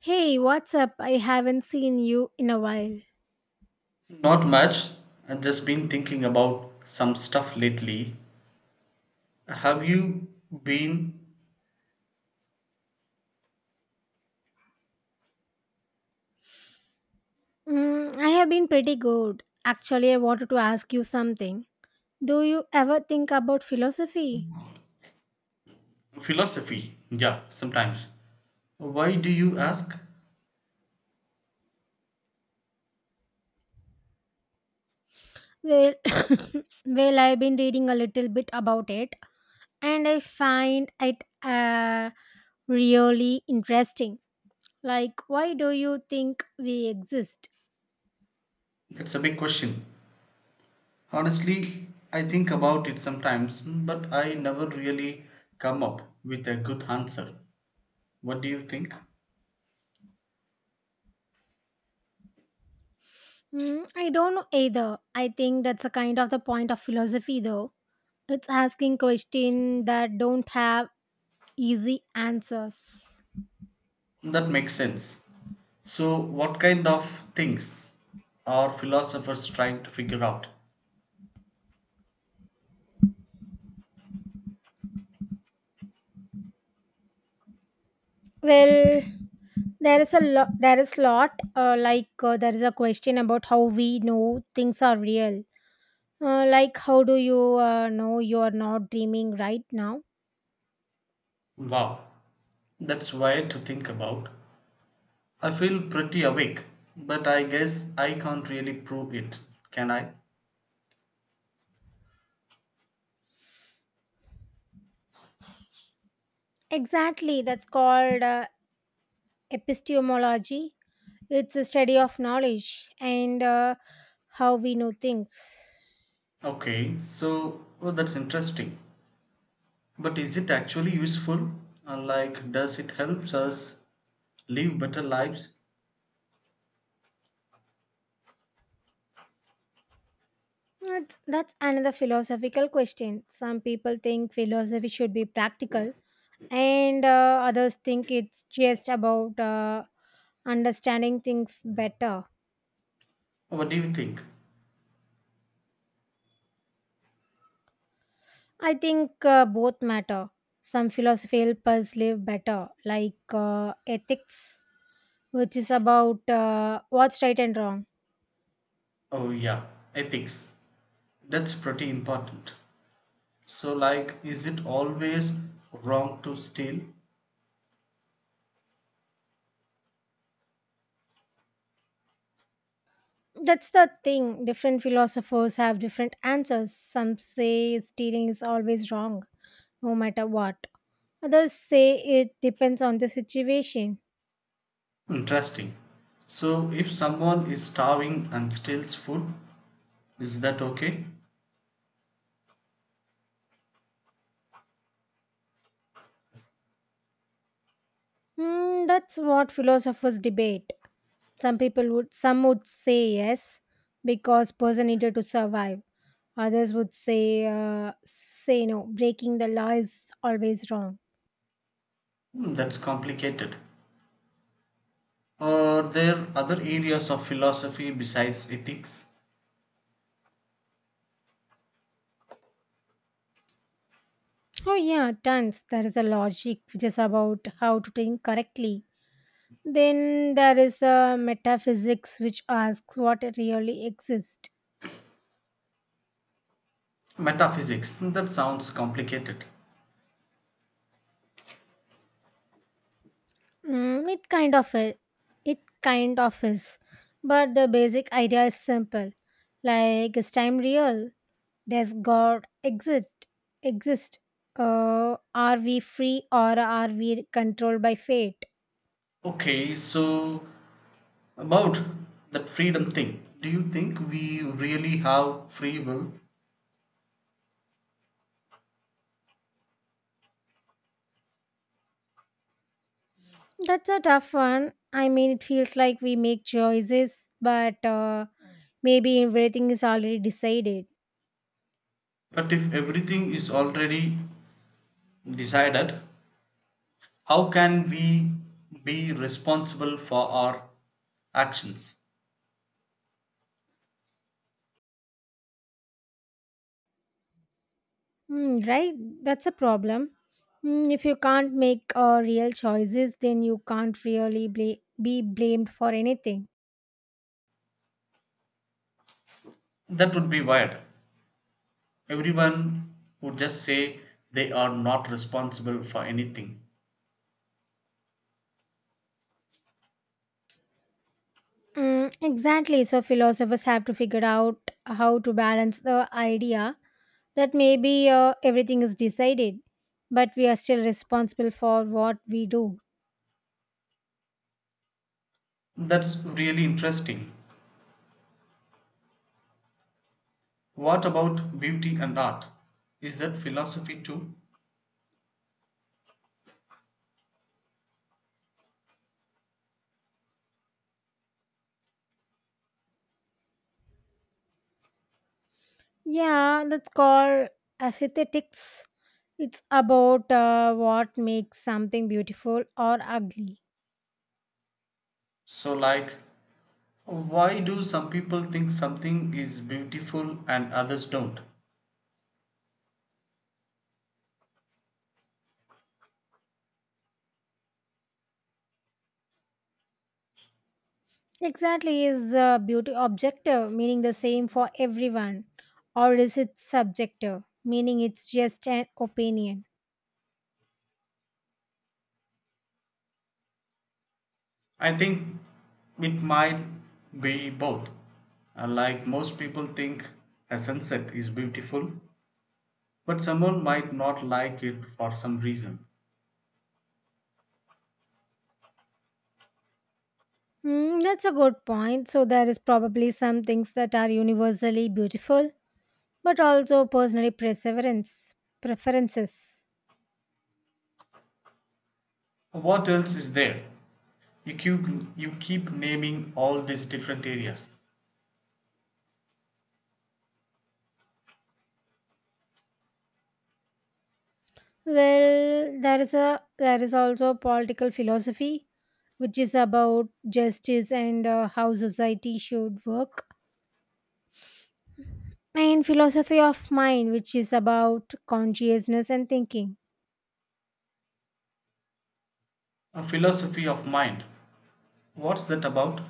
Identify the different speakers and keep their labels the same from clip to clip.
Speaker 1: Hey, what's up? I haven't seen you in a while.
Speaker 2: Not much. I've just been thinking about some stuff lately. Have you been
Speaker 1: I have been pretty good. Actually, I wanted to ask you something. Do you ever think about philosophy?
Speaker 2: philosophy? Yeah, sometimes. Why do you ask?
Speaker 1: Well, well, I've been reading a little bit about it, and I find it really interesting. Like, why do you think we exist?
Speaker 2: That's a big question. Honestly, I think about it sometimes, but I never really come up with a good answer. What do you think?
Speaker 1: I don't know either. I think that's a kind of the point of philosophy, though. It's asking questions that don't have easy answers.
Speaker 2: That makes sense. So, what kind of things are philosophers trying to figure out?
Speaker 1: Well, there is a lot. There is lot. Like, there is a question about how we know things are real. Like how do you know you are not dreaming right now?
Speaker 2: Wow, that's wild to think about. I feel pretty awake, but I guess I can't really prove it, can I?
Speaker 1: Exactly. That's called epistemology. It's a study of knowledge and how we know things.
Speaker 2: Okay, so oh, that's interesting. But is it actually useful? Like, does it help us live better lives?
Speaker 1: That's another philosophical question. Some people think philosophy should be practical, and others think it's just about understanding things better.
Speaker 2: What do you think?
Speaker 1: I think both matter. Some philosophy help us live better, like ethics, which is about what's right and wrong.
Speaker 2: Oh, yeah, ethics. That's pretty important. So, like, is it always wrong to steal?
Speaker 1: That's the thing. Different philosophers have different answers. Some say stealing is always wrong, no matter what. Others say it depends on the situation.
Speaker 2: Interesting. So, if someone is starving and steals food, is that okay?
Speaker 1: That's what philosophers debate. Some would say yes because person needed to survive. Others would say, say no. Breaking the law is always wrong.
Speaker 2: Hmm, that's complicated. Are there other areas of philosophy besides ethics?
Speaker 1: Oh yeah, tons. There is a logic which is about how to think correctly. Then there is a metaphysics which asks what really exists.
Speaker 2: Metaphysics. That sounds complicated.
Speaker 1: Mm, it kind of i- it kind of is, but the basic idea is simple. Like is time real? Does God exist? Exist? Are we free or are we controlled by fate?
Speaker 2: Okay, so about that freedom thing, do you think we really have free will?
Speaker 1: That's a tough one. I mean, it feels like we make choices, but maybe everything is already decided.
Speaker 2: But if everything is already decided, how can we be responsible for our actions?
Speaker 1: Right? That's a problem. If you can't make real choices, then you can't really be blamed for anything.
Speaker 2: That would be weird. Everyone would just say they are not responsible for anything.
Speaker 1: Mm, exactly. So, philosophers have to figure out how to balance the idea that maybe everything is decided, but we are still responsible for what we do.
Speaker 2: That's really interesting. What about beauty and art? Is that philosophy too?
Speaker 1: Yeah, that's called aesthetics. It's about what makes something beautiful or ugly.
Speaker 2: So, like, why do some people think something is beautiful and others don't?
Speaker 1: Exactly, is beauty objective, meaning the same for everyone, or is it subjective, meaning it's just an opinion?
Speaker 2: I think it might be both. Like, most people think a sunset is beautiful, but someone might not like it for some reason.
Speaker 1: That's a good point. So, there is probably some things that are universally beautiful but also personally perseverance preferences.
Speaker 2: What else is there? You keep, you keep naming all these different areas.
Speaker 1: Well, there is a, there is also political philosophy which is about justice and how society should work, and philosophy of mind which is about consciousness and thinking.
Speaker 2: A philosophy of mind. What's that about?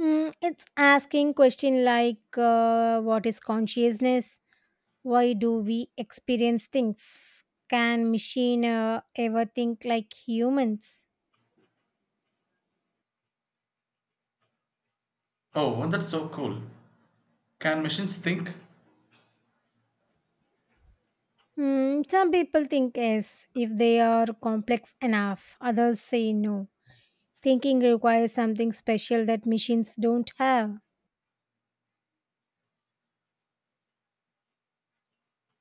Speaker 1: It's asking question like what is consciousness, why do we experience things, can machine ever think like humans?
Speaker 2: Oh, that's so cool. Can machines think?
Speaker 1: Some people think yes if they are complex enough. Others say no. Thinking requires something special that machines don't have.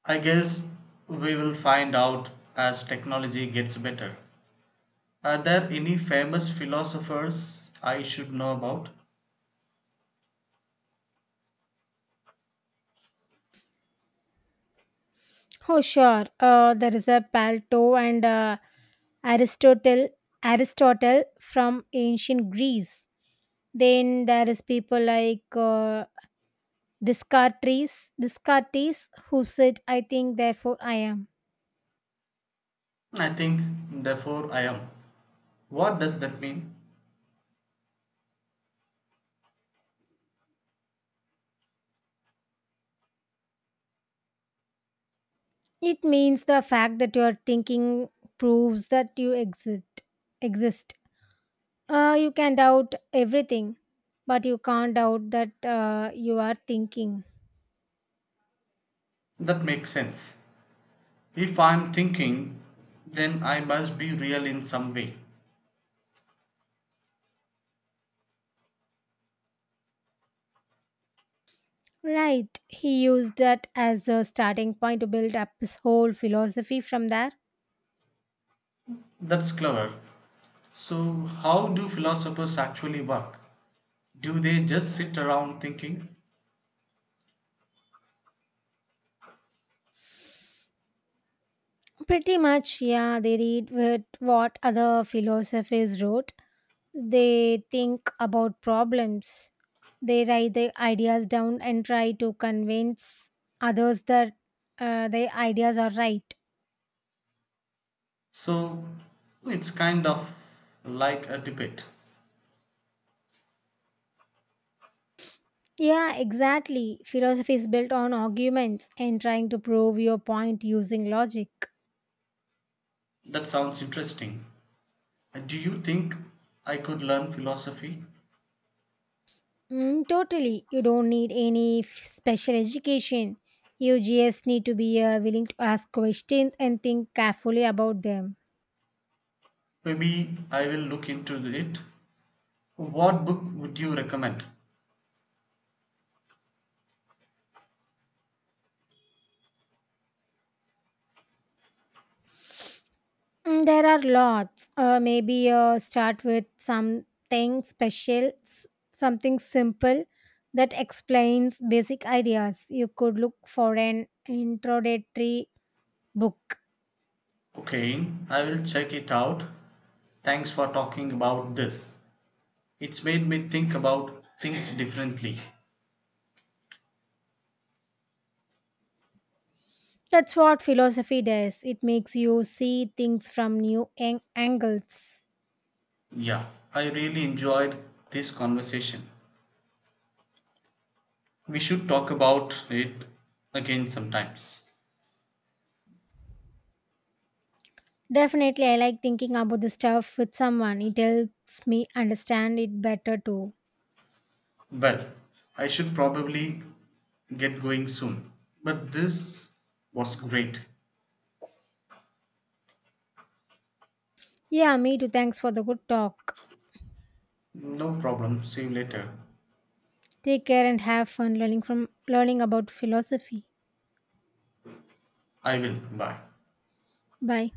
Speaker 2: I guess we will find out as technology gets better. Are there any famous philosophers I should know about?
Speaker 1: Oh, sure. There is a Palto and Aristotle, Aristotle from ancient Greece. Then there is people like Descartes, Descartes who said, "I think, therefore I am."
Speaker 2: I think, therefore, I am. What does that mean?
Speaker 1: It means the fact that you are thinking proves that you exist. Exist. You can doubt everything, but you can't doubt that you are thinking.
Speaker 2: That makes sense. If I'm thinking, then I must be real in some way.
Speaker 1: Right. He used that as a starting point to build up his whole philosophy from there.
Speaker 2: That's clever. So, how do philosophers actually work? Do they just sit around thinking?
Speaker 1: Pretty much, yeah, they read with what other philosophers wrote. They think about problems. They write their ideas down and try to convince others that their ideas are right.
Speaker 2: So, it's kind of like a debate.
Speaker 1: Yeah, exactly. Philosophy is built on arguments and trying to prove your point using logic.
Speaker 2: That sounds interesting. Do you think I could learn philosophy?
Speaker 1: Totally. You don't need any special education. You just need to be willing to ask questions and think carefully about them.
Speaker 2: Maybe I will look into it. What book would you recommend?
Speaker 1: There are lots. Maybe start with something simple that explains basic ideas. You could look for an introductory book.
Speaker 2: Okay, I will check it out. Thanks for talking about this. It's made me think about things differently.
Speaker 1: That's what philosophy does. It makes you see things from new angles.
Speaker 2: Yeah, I really enjoyed this conversation. We should talk about it again sometimes.
Speaker 1: Definitely, I like thinking about the stuff with someone. It helps me understand it better too.
Speaker 2: Well, I should probably get going soon. But this was great.
Speaker 1: Yeah, me too. Thanks for the good talk.
Speaker 2: No problem. See you later.
Speaker 1: Take care and have fun learning about philosophy.
Speaker 2: I will. Bye.
Speaker 1: Bye.